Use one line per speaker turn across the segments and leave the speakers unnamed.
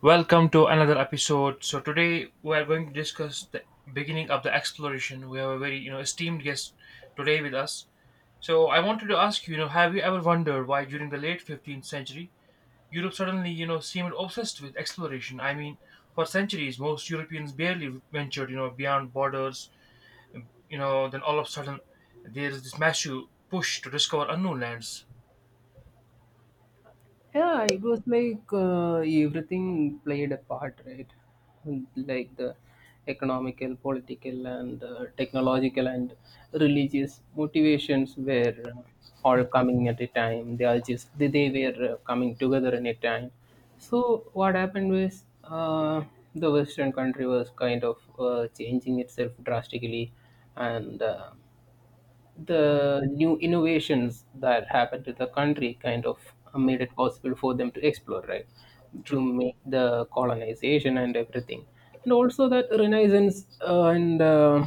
Welcome to another episode. So today we are going to discuss the beginning of the exploration. We have a very esteemed guest today with us. So I wanted to ask you, have you ever wondered why during the late 15th century Europe suddenly seemed obsessed with exploration? I mean, for centuries most Europeans barely ventured beyond borders. Then all of a sudden there is this massive push to discover unknown lands.
Yeah, it was like everything played a part, right? Like the economical, political, and technological and religious motivations were all coming at a time. They are just they were coming together in a time. So what happened was the Western country was kind of changing itself drastically, and
Mm.
the new innovations that happened to the country kind of made it possible for them to explore, right? To
True.
make the colonization and everything. And also that Renaissance and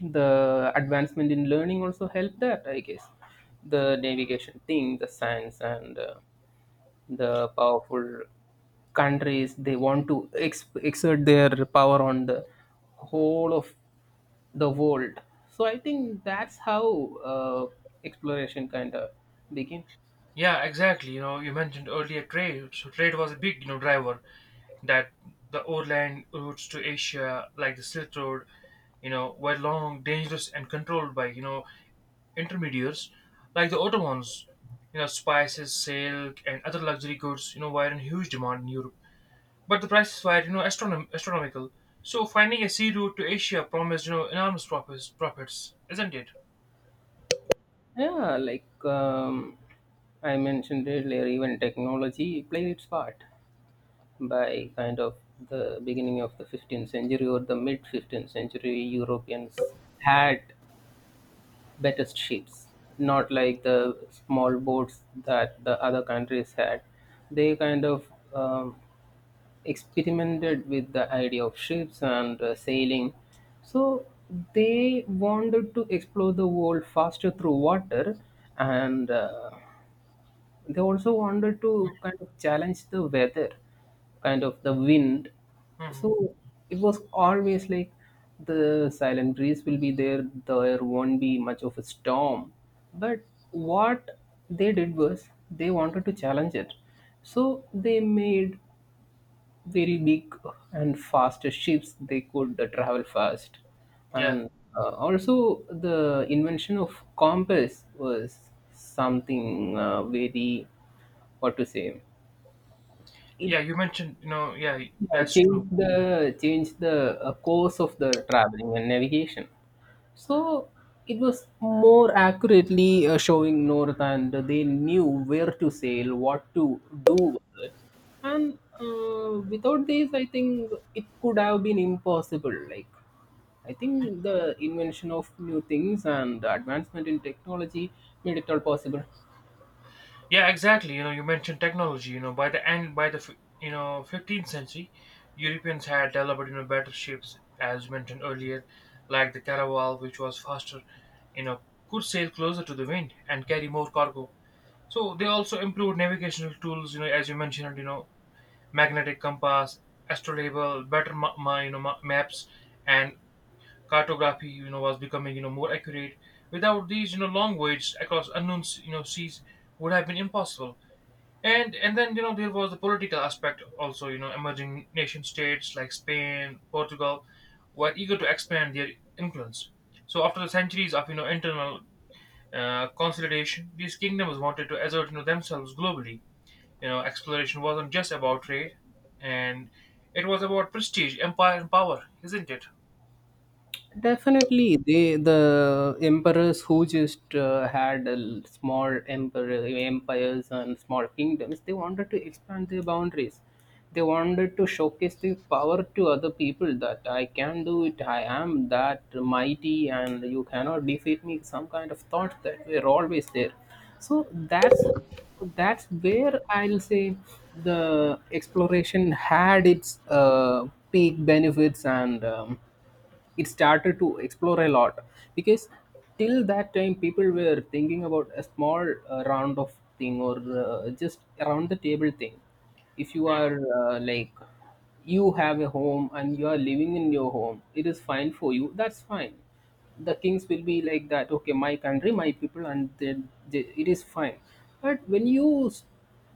the advancement in learning also helped that, I guess. The navigation thing, the science, and the powerful countries they want to exert their power on the whole of the world, so I think that's how uh, exploration kind of begin.
Yeah, exactly. You mentioned earlier trade. So trade was a big driver that the overland routes to Asia, like the Silk Road, were long, dangerous, and controlled by, intermediaries like the Ottomans. Spices, silk, and other luxury goods, were in huge demand in Europe. But the prices were, astronomical. So finding a sea route to Asia promised, enormous profits, isn't it?
Yeah, like I mentioned earlier, even technology played its part by kind of the beginning of the 15th century or the mid 15th century. Europeans had better ships, not like the small boats that the other countries had. They kind of um, experimented with the idea of ships and sailing. So they wanted to explore the world faster through water, and they also wanted to kind of challenge the weather, kind of the wind.
Hmm.
So it was always like the silent breeze will be there, there won't be much of a storm, but what they did was they wanted to challenge it. So they made very big and fast ships, they could travel fast.
Yeah.
And also, the invention of compass was something very, what to say, it
Yeah, you mentioned, yeah, that's true.
changed the course of the traveling and navigation. So it was more accurately showing North, and they knew where to sail, what to do with it. And without this, I think it could have been impossible. Like, I think the invention of new things and the advancement in technology made it all possible.
Yeah, exactly. You mentioned technology. By the end, by the 15th century, Europeans had developed better ships, as mentioned earlier, like the caravel, which was faster, you know, could sail closer to the wind and carry more cargo. So they also improved navigational tools. As you mentioned, magnetic compass, astrolabe, better maps, and cartography, was becoming more accurate. Without these, long voyages across unknown seas would have been impossible, and then there was the political aspect also. Emerging nation states like spain portugal were eager to expand their influence, so after the centuries of internal consolidation, these kingdoms wanted to assert themselves globally. Exploration wasn't just about trade, and it was about prestige, empire, and power, isn't it?
Definitely, the emperors who just had a small emperor empires and small kingdoms, they wanted to expand their boundaries. They wanted to showcase their power to other people that I can do it, I am that mighty, and you cannot defeat me. Some kind of thought that we're always there. So that's where I'll say the exploration had its peak benefits and. It started to explore a lot, because till that time people were thinking about a small round of thing or just around the table thing. If you are like, you have a home and you are living in your home, it is fine for you, that's fine. The kings will be like that, okay, my country, my people, and then they, it is fine. But when you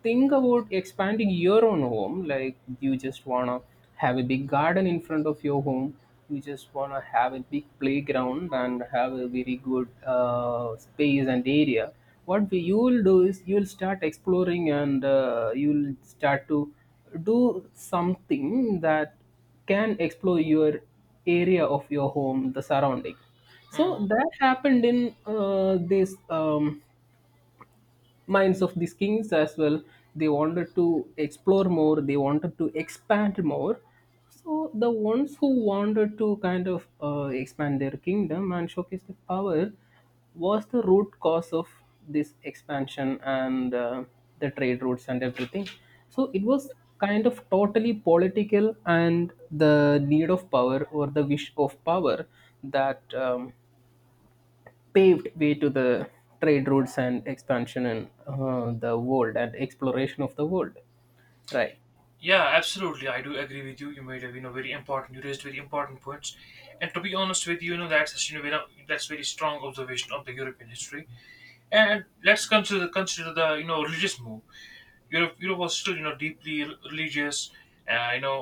think about expanding your own home, like you just want to have a big garden in front of your home, you just want to have a big playground and have a very good space and area, what you will do is you will start exploring, and you will start to do something that can explore your area of your home, the surrounding. So
Mhm.
that happened in this minds of these kings as well. They wanted to explore more, they wanted to expand more. So the ones who wanted to kind of expand their kingdom and showcase their power was the root cause of this expansion and the trade routes and everything. So it was kind of totally political, and the need of power or the wish of power that paved way to the trade routes and expansion in the world and exploration of the world, right?
Yeah, absolutely. I do agree with you. You made a very important. You raised very important points, and to be honest with you, you know that's that's very strong observation of the European history. And let's consider the religious move. Europe was still religious, uh, you know,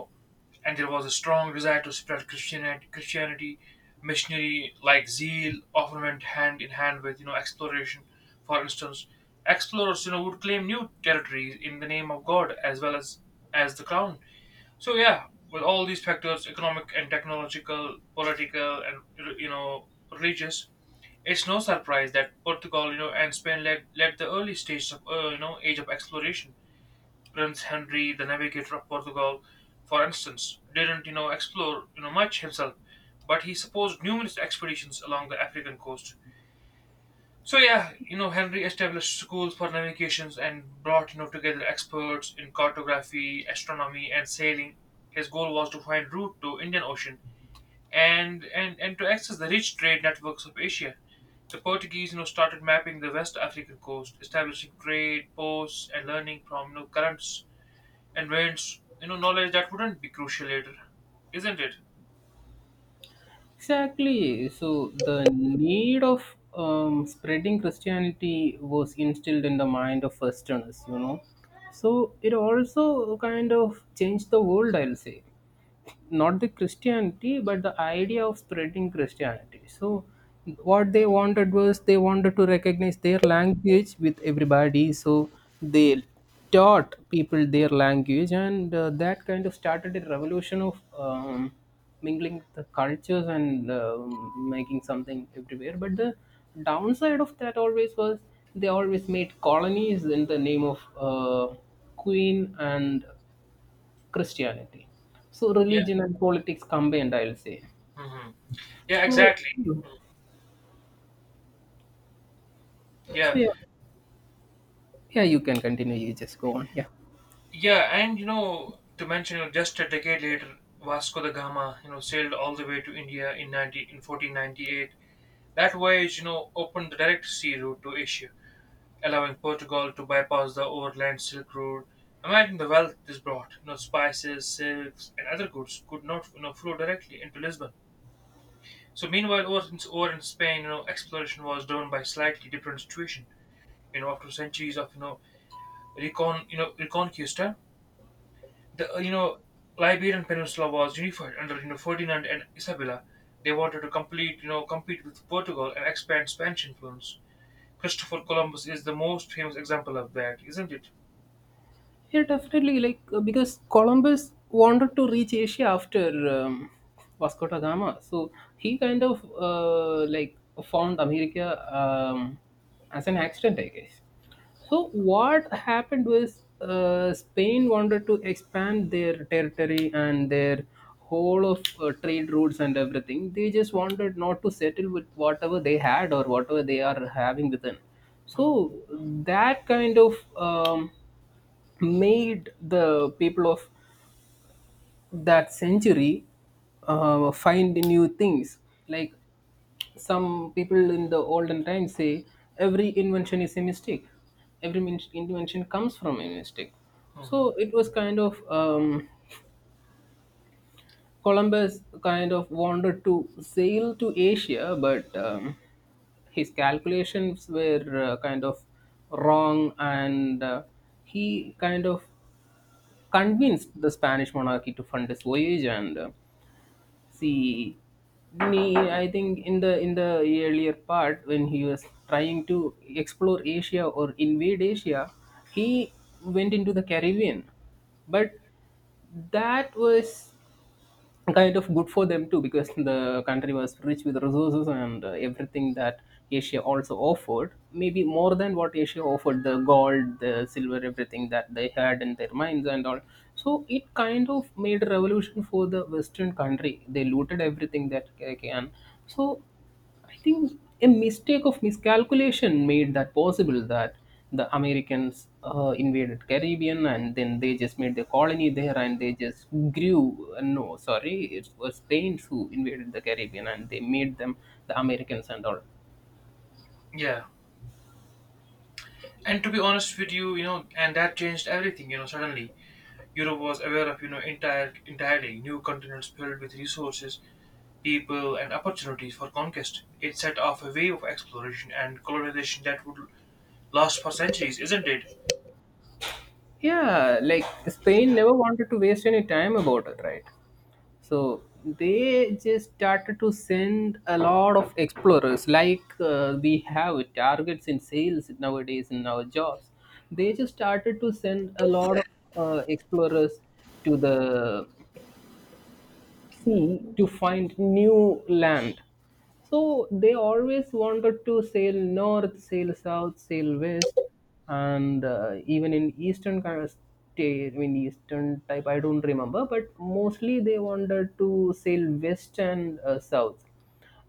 and there was a strong desire to spread Christianity. Missionary like zeal often went hand in hand with exploration. For instance, explorers would claim new territories in the name of God as well as the crown. So yeah, with all these factors, economic and technological, political and you know religious, it's no surprise that Portugal, and Spain led the early stages of age of exploration. Prince Henry, the navigator of Portugal, for instance, didn't explore much himself, but he supposed numerous expeditions along the African coast. So yeah, Henry established schools for navigations and brought together experts in cartography, astronomy, and sailing. His goal was to find route to Indian Ocean and to access the rich trade networks of Asia. The Portuguese started mapping the West African coast, establishing trade posts and learning from currents and winds. Knowledge that wouldn't be crucial later, isn't it?
Exactly. So the need of spreading Christianity was instilled in the mind of Westerners, you know. So it also kind of changed the world, I'll say. Not the Christianity, but the idea of spreading Christianity. So what they wanted was they wanted to recognize their language with everybody. So they taught people their language, and that kind of started a revolution of mingling the cultures and um, making something everywhere. But the downside of that always was, they always made colonies in the name of queen and Christianity. So
Yeah.
religion and politics combined, I'll say.
Hmm. Yeah.
So,
Exactly.
so
Yeah.
yeah, yeah, you can continue. You just go on. Yeah.
Yeah, and to mention, just a decade later, Vasco da Gama, sailed all the way to India in 1498. That voyage, opened the direct sea route to Asia, allowing Portugal to bypass the overland Silk Road. Imagine the wealth this brought. Spices, silks, and other goods could not, flow directly into Lisbon. So, meanwhile, over in Spain, exploration was driven by slightly different situation. After centuries of, reconquista, the Liberian Peninsula was unified under Ferdinand and Isabella. They wanted to complete you know compete with Portugal and expand Spanish influence. Christopher Columbus is the most famous example of that, isn't it?
Yeah, definitely. Like because Columbus wanted to reach Asia after Vasco da Gama, so he kind of like found America, um, as an accident, I guess. So what happened was Spain wanted to expand their territory and their whole of trade routes and everything. They just wanted not to settle with whatever they had or whatever they are having within.
Hmm.
So that kind of made the people of that century find new things. Like some people in the olden times say, every invention is a mistake. Every invention comes from a mistake.
Hmm.
So it was kind of Columbus kind of wanted to sail to Asia, but his calculations were kind of wrong, and he kind of convinced the Spanish monarchy to fund his voyage. And see, me, I think in the earlier part when he was trying to explore Asia or invade Asia, he went into the Caribbean, but that was kind of good for them too, because the country was rich with resources and everything that Asia also offered, maybe more than what Asia offered, the gold, the silver, everything that they had in their mines and all. So it kind of made a revolution for the Western country. They looted everything that they can. So I think a mistake of miscalculation made that possible, that the Americans invaded Caribbean and then they just made the colony there and they just grew. No, sorry, it was Spain who invaded the Caribbean and they made them the Americans and all.
Yeah. And to be honest with you, and that changed everything. Suddenly Europe was aware of entirely new continents filled with resources, people, and opportunities for conquest. It set off a wave of exploration and colonization that would last for centuries, isn't it?
Yeah, like Spain never wanted to waste any time about it, right? So they just started to send a lot of explorers, like we have targets in sales nowadays in our jobs. They just started to send a lot of explorers to the sea to find new land. So they always wanted to sail north, sail south, sail west, and even in eastern kind of state, I mean eastern type, I don't remember, but mostly they wanted to sail west and south.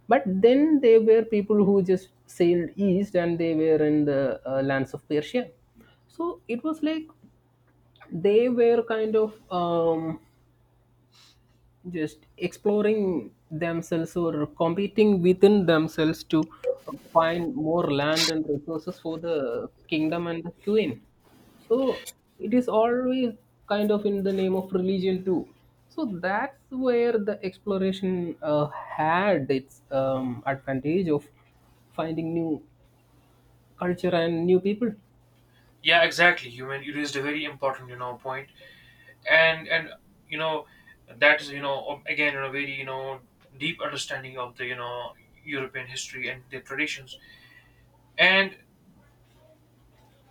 But then there were people who just sailed east and they were in the lands of Persia. So it was like they were kind of just exploring themselves or competing within themselves to find more land and resources for the kingdom and the queen. So it is always kind of in the name of religion too. So that's where the exploration had its advantage of finding new culture and new people.
Yeah, exactly. You mean you raised a very important, point, and you know that is again very deep understanding of the European history and their traditions. And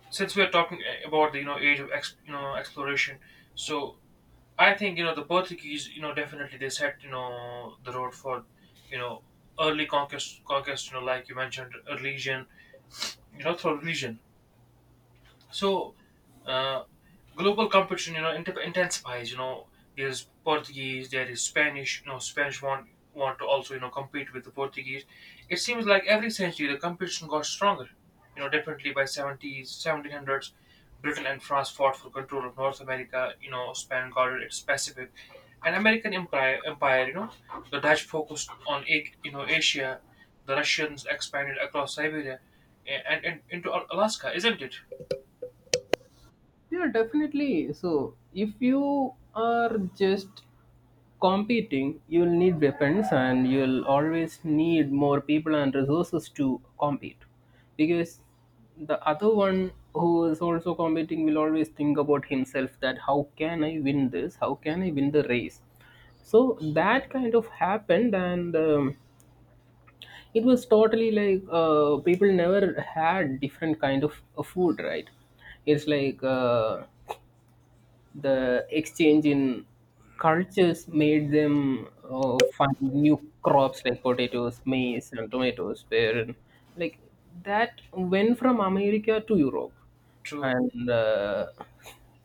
since we are talking about the age of ex, you know exploration, so I think the Portuguese definitely they set the road for you know early conquest, like you mentioned religion, through religion. So, uh, global competition, intensifies. There's Portuguese, there is Spanish. Spanish want to also compete with the Portuguese. It seems like every century the competition got stronger. Definitely by 70s, 1700s, Britain and France fought for control of North America. Spain guarded its Pacific, and American empire, the Dutch focused on Asia. The Russians expanded across Siberia and into Alaska, isn't it?
Yeah, definitely. So if you are just competing, you'll need weapons and you'll always need more people and resources to compete. Because the other one who is also competing will always think about himself that how can I win this? How can I win the race? So that kind of happened, and it was totally like people never had different kind of food, right? It's like the exchange in cultures made them find new crops like potatoes, maize, and tomatoes. Where like that went from America to Europe
True.
and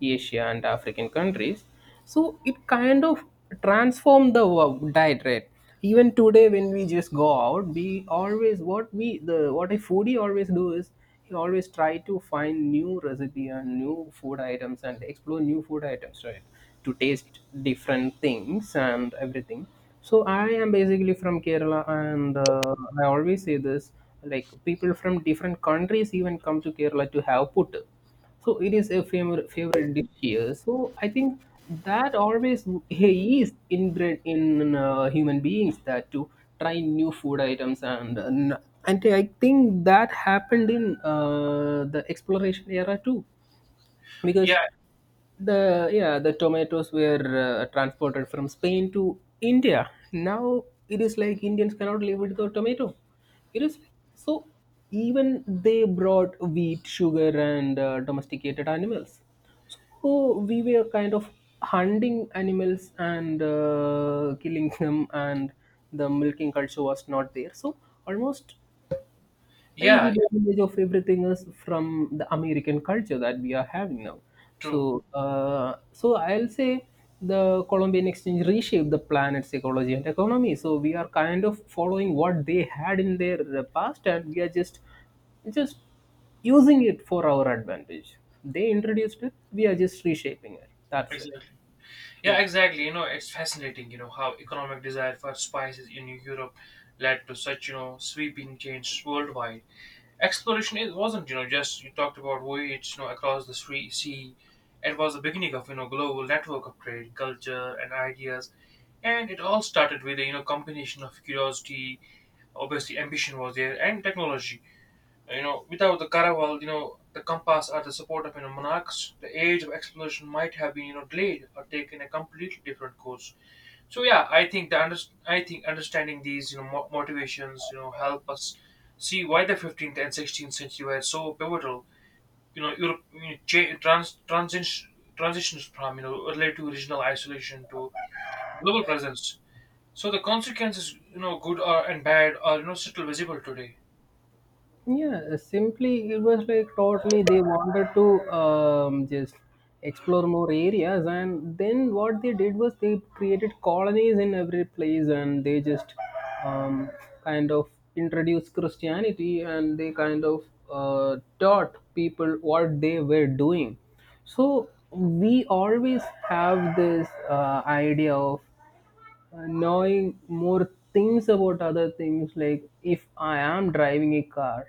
Asia and African countries. So it kind of transformed the diet, right? Even today, when we just go out, we always, what we, the what a foodie always do is he always try to find new recipe and new food items and explore new food items, right? To taste different things and everything. So I am basically from Kerala, and I always say this, like people from different countries even come to Kerala to have puttu. So it is a favorite dish here. So I think that always he is inbred in human beings, that to try new food items and and I think that happened in the exploration era too,
Yeah,
because the, yeah, the tomatoes were transported from Spain to India. Now it is like Indians cannot live without tomato. It is like, so even they brought wheat, sugar, and domesticated animals. So we were kind of hunting animals and killing them, and the milking culture was not there, so almost I, the
yeah,
advantage of everything is from the American culture that we are having now.
true.
So, so I'll say the Columbian Exchange reshaped the planet's ecology and economy. So we are kind of following what they had in their past, and we are just using it for our advantage. They introduced it; we are just reshaping it. That's it.
Exactly.
Yeah.
Yeah, exactly. It's fascinating, how economic desire for spices in Europe led to such, sweeping change worldwide. Exploration it wasn't, just you talked about voyage, across the sea. It was the beginning of, global network of trade, culture, and ideas. And it all started with a, combination of curiosity, obviously ambition was there, and technology. Without the caravel, the compass or the support of monarchs, the age of exploration might have been delayed or taken a completely different course. So yeah, I think I think understanding these motivations help us see why the 15th and 16th century were so pivotal. Europe transitions from early to regional isolation to global presence. So the consequences, good or and bad, are still visible today.
Yeah, simply it was like totally they wanted to just explore more areas, and then what they did was they created colonies in every place, and they just um, kind of introduced Christianity, and they kind of taught people what they were doing. So we always have this idea of knowing more things about other things, like if I am driving a car,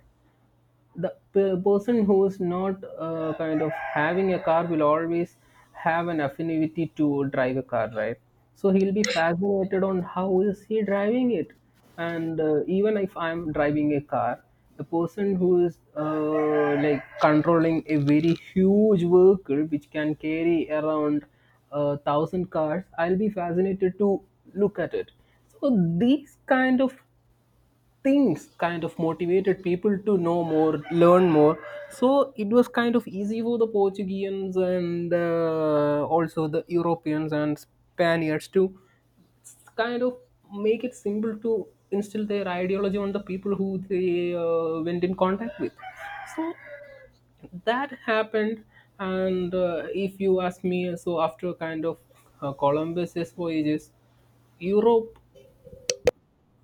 the person who is not kind of having a car will always have an affinity to drive a car, right? So he'll be fascinated on how is he driving it. And even if I'm driving a car, the person who is like controlling a very huge vehicle which can carry around a thousand cars, I'll be fascinated to look at it. So these kind of things kind of motivated people to know more, learn more. So it was kind of easy for the Portuguese and also the Europeans and Spaniards to kind of make it simple to instill their ideology on the people who they went in contact with. So that happened, and if you ask me, so after kind of Columbus's voyages, Europe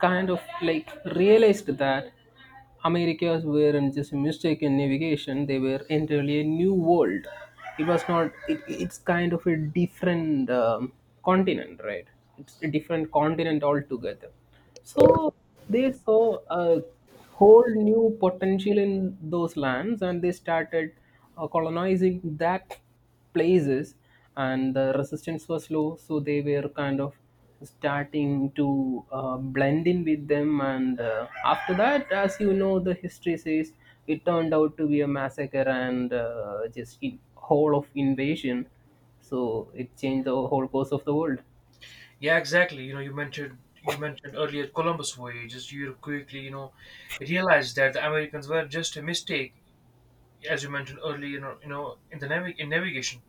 kind of like realized that Americas weren't just a mistake in navigation, they were entirely a new world. It was not, it's kind of a different continent, right? It's a different continent altogether. So they saw a whole new potential in those lands, and they started colonizing that places, and the resistance was low, so they were kind of starting to blend in with them. And after that, as you know, the history says it turned out to be a massacre and just in whole of invasion. So it changed the whole course of the world.
Yeah, exactly. You mentioned earlier Columbus voyages. You quickly, realized that the Americans were just a mistake, as you mentioned earlier. In navigation.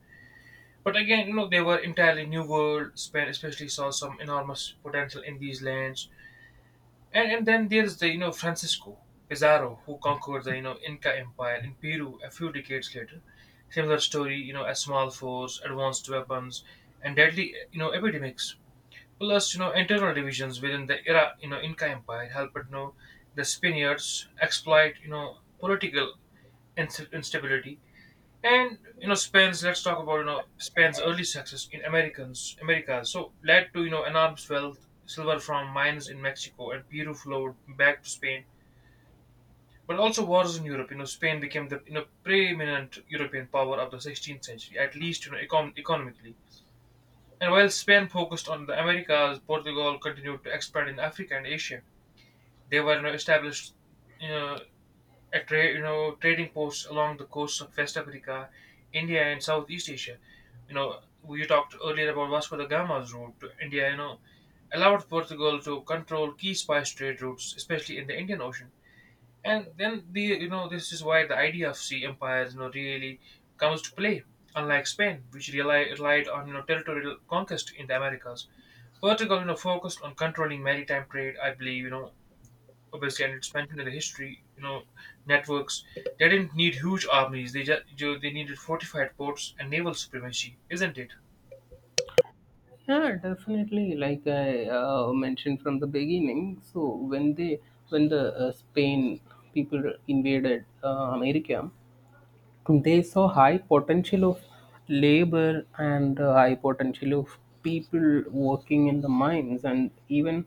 But again, they were entirely new world. Spain especially saw some enormous potential in these lands. And then there's the Francisco Pizarro who conquered the Inca Empire in Peru a few decades later. Similar story, a small force, advanced weapons, and deadly epidemics. Plus, internal divisions within the era, Inca Empire helped, the Spaniards exploit, political instability. And you know, Spain's. let's talk about Spain's early success in Americans, America, so led to enormous wealth, silver from mines in Mexico and Peru flowed back to Spain. But also wars in Europe. Spain became the preeminent European power of the 16th century, at least economically. And while Spain focused on the Americas, Portugal continued to expand in Africa and Asia. They were established you know, at tra- you know, trading posts along the coasts of West Africa, India, and Southeast Asia. You know, we talked earlier about Vasco da Gama's route to India. Allowed Portugal to control key spice trade routes, especially in the Indian Ocean, and then the you know this is why the idea of sea empires really comes to play. Unlike spain which relied on territorial conquest in the americas, portugal focused on controlling maritime trade. I believe obviously, and it's mentioned in the history, networks. They didn't need huge armies, they needed fortified ports and naval supremacy, isn't it?
Yeah, definitely, like I mentioned from the beginning. So when they, when the Spain people invaded America. They saw high potential of labor and high potential of people working in the mines. And even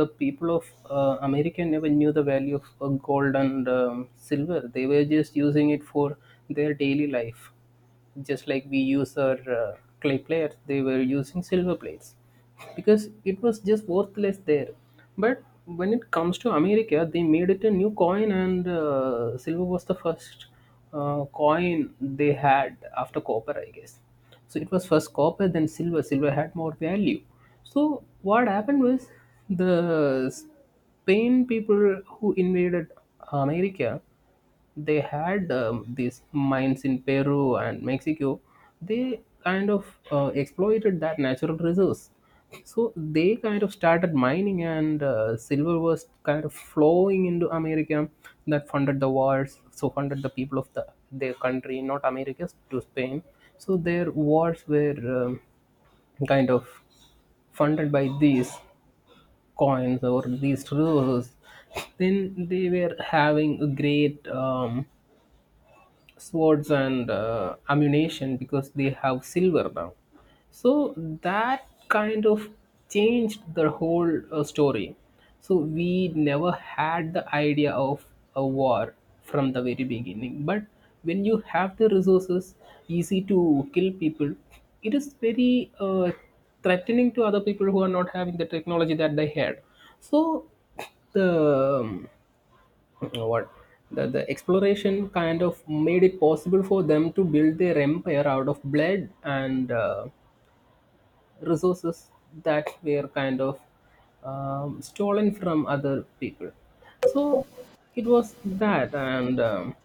the people of America never knew the value of gold and silver. They were just using it for their daily life, just like we use our clay plates. They were using silver plates because it was just worthless there. But when it comes to America, they made it a new coin, and silver was the first coin they had after copper, I guess. So it was first copper, then silver. Silver had more value. So what happened was, the Spain people who invaded America, they had these mines in Peru and Mexico. They kind of exploited that natural resource. So they kind of started mining, and silver was kind of flowing into America. That funded the wars, so funded the people of the their country, not America's, to Spain. So their wars were um, kind of funded by these coins or these resources. Then they were having a great, swords and ammunition, because they have silver now. So that kind of changed the whole story. So we never had the idea of a war from the very beginning. But when you have the resources, easy to kill people, it is very threatening to other people who are not having the technology that they had. So the um, uh, what the exploration kind of made it possible for them to build their empire out of blood and resources that were kind of stolen from other people. So it was that. And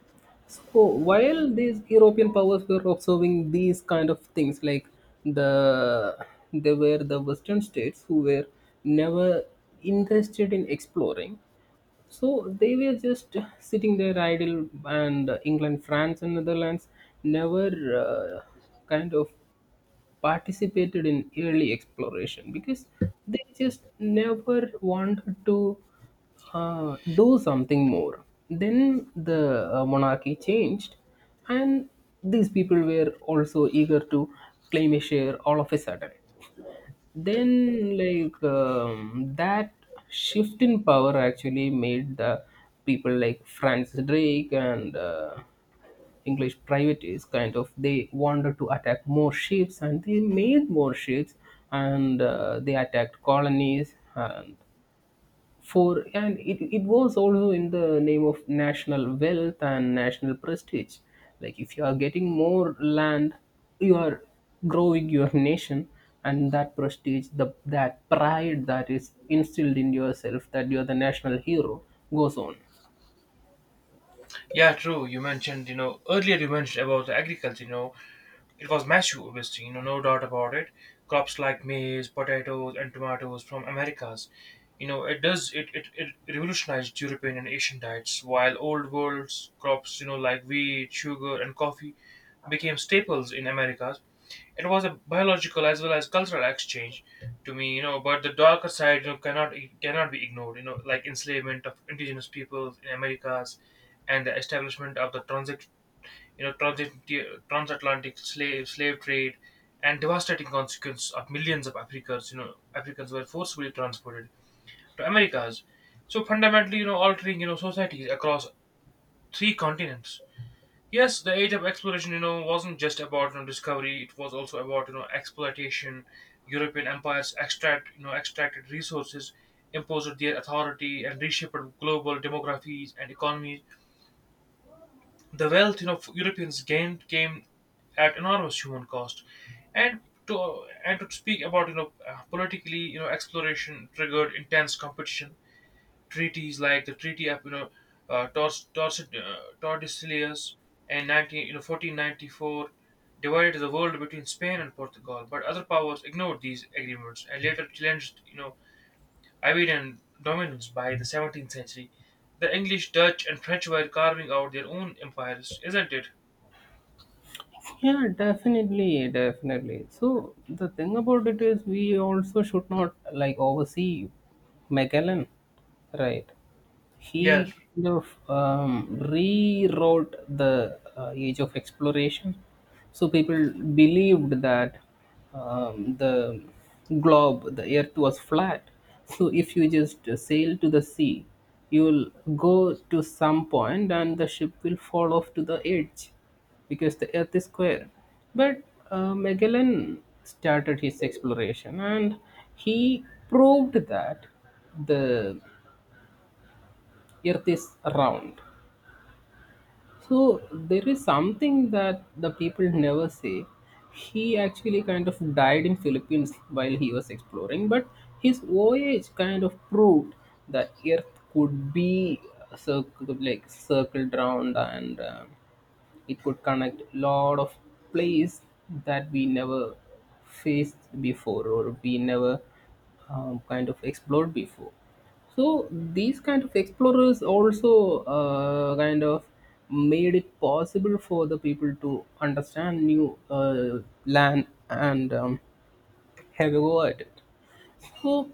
so while these European powers were observing these kind of things, like the they were the Western states who were never interested in exploring, so they were just sitting there idle. And England, France, and Netherlands never uh, kind of participated in early exploration because they just never wanted to do something more. Then the monarchy changed, and these people were also eager to claim a share all of a sudden. Then, like, that shift in power actually made the people like Francis Drake and English privateers, kind of, they wanted to attack more ships, and they made more ships, and they attacked colonies. And for and it was also in the name of national wealth and national prestige. Like, if you are getting more land, you are growing your nation, and that prestige, the that pride that is instilled in yourself, that you are the national hero, goes on.
Yeah, true. You mentioned earlier, you mentioned about the agriculture. It was massive, obviously, no doubt about it. Crops like maize, potatoes, and tomatoes from Americas. It does it revolutionized European and Asian diets, while old world crops, like wheat, sugar, and coffee became staples in Americas. It was a biological as well as cultural exchange to me, but the darker side cannot be ignored, like enslavement of indigenous peoples in Americas and the establishment of the transit you know, transit- transatlantic slave trade, and devastating consequence of millions of Africans, Africans were forcibly transported to Americas. So fundamentally, altering societies across three continents. Yes, the age of exploration, wasn't just about discovery. It was also about exploitation. European empires extracted resources, imposed their authority, and reshaped global demographies and economies. The wealth, Europeans gained came at enormous human cost. And and to speak about politically, exploration triggered intense competition. Treaties like the Treaty of Tordesillas in 19 you know 1494 divided the world between Spain and Portugal. But other powers ignored these agreements and later challenged Iberian dominance by the 17th century. The English, Dutch, and French were carving out their own empires, isn't it?
Yeah, definitely, definitely. So the thing about it is, we also should not like oversee Magellan, right? He
Yes.
kind of rewrote the age of exploration. So people believed that, the globe, the earth was flat. So if you just sail to the sea, you will go to some point and the ship will fall off to the edge, because the earth is square. But Magellan started his exploration, and he proved that the earth is round. So there is something that the people never say: he actually kind of died in Philippines while he was exploring, but his voyage kind of proved that earth could be circled, like circled round. And it could connect lot of place that we never faced before, or we never kind of explored before. So these kind of explorers also kind of made it possible for the people to understand new land, and have a go at it. So,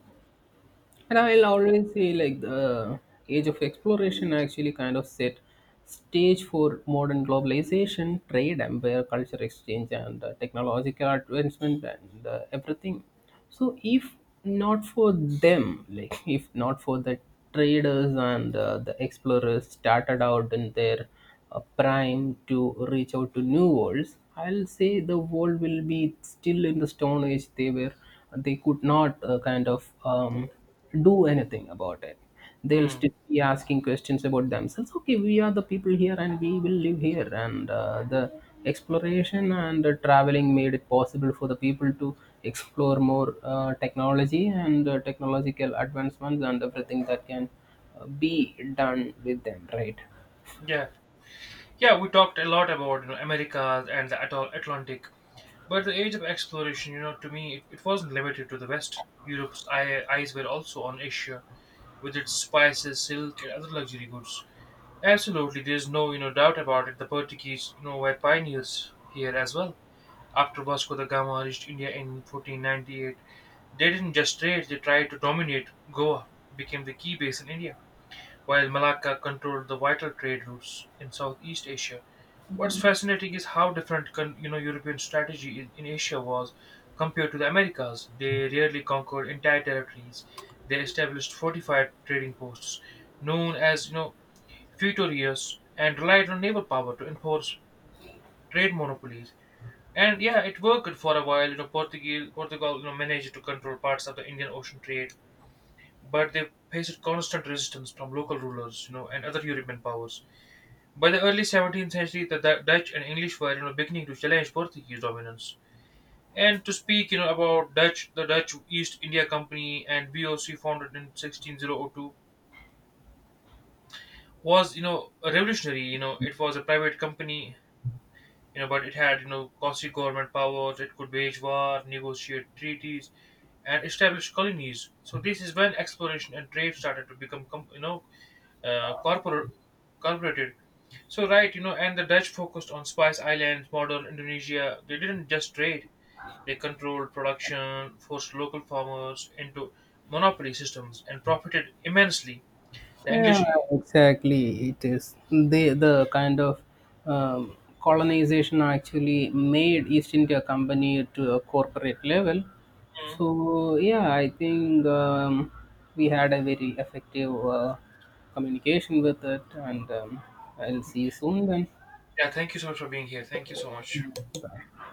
and I'll always say, like, the age of exploration actually kind of set stage for modern globalization, trade, empire, culture exchange, and technological advancement, and everything. So if not for them, like if not for the traders and the explorers started out in their prime to reach out to new worlds, I'll say the world will be still in the stone age. They were, they could not do anything about it. They'll
Hmm.
still be asking questions about themselves: okay, we are the people here and we will live here. And the exploration and the traveling made it possible for the people to explore more technology and technological advancements, and everything that can be done with them, right?
Yeah. Yeah, we talked a lot about, America and the Atlantic, but the age of exploration, to me, it wasn't limited to the West. Europe's eyes were also on Asia, with its spices, silk, and other luxury goods. Absolutely, there's no, doubt about it. The Portuguese, were pioneers here as well. After Vasco da Gama reached India in 1498, they didn't just trade; they tried to dominate Goa, became the key base in India, while Malacca controlled the vital trade routes in Southeast Asia. What's fascinating is how different European strategy in Asia was compared to the Americas. They rarely conquered entire territories. They established fortified trading posts known as futurias and relied on naval power to enforce trade monopolies. And yeah, it worked for a while. Portugal, managed to control parts of the Indian Ocean trade, but they faced constant resistance from local rulers, and other European powers. By the early 17th century, the Dutch and English were, beginning to challenge Portuguese dominance. And to speak, about Dutch, the Dutch East India Company and VOC founded in 1602 was, a revolutionary. It was a private company, but it had, costly government powers. It could wage war, negotiate treaties, and establish colonies. So this is when exploration and trade started to become, uh, corporate, corporated. So right, and the Dutch focused on Spice Islands, modern Indonesia. They didn't just trade; they controlled production, forced local farmers into monopoly systems, and profited immensely. The
Yeah,
English. Mm.
exactly. It is, the kind of colonization actually made East India Company to a corporate level. So yeah, I think we had a very effective communication with it, and I'll see you soon then.
Yeah. Thank you so much for being here. Thank you so much.
Yeah, bye.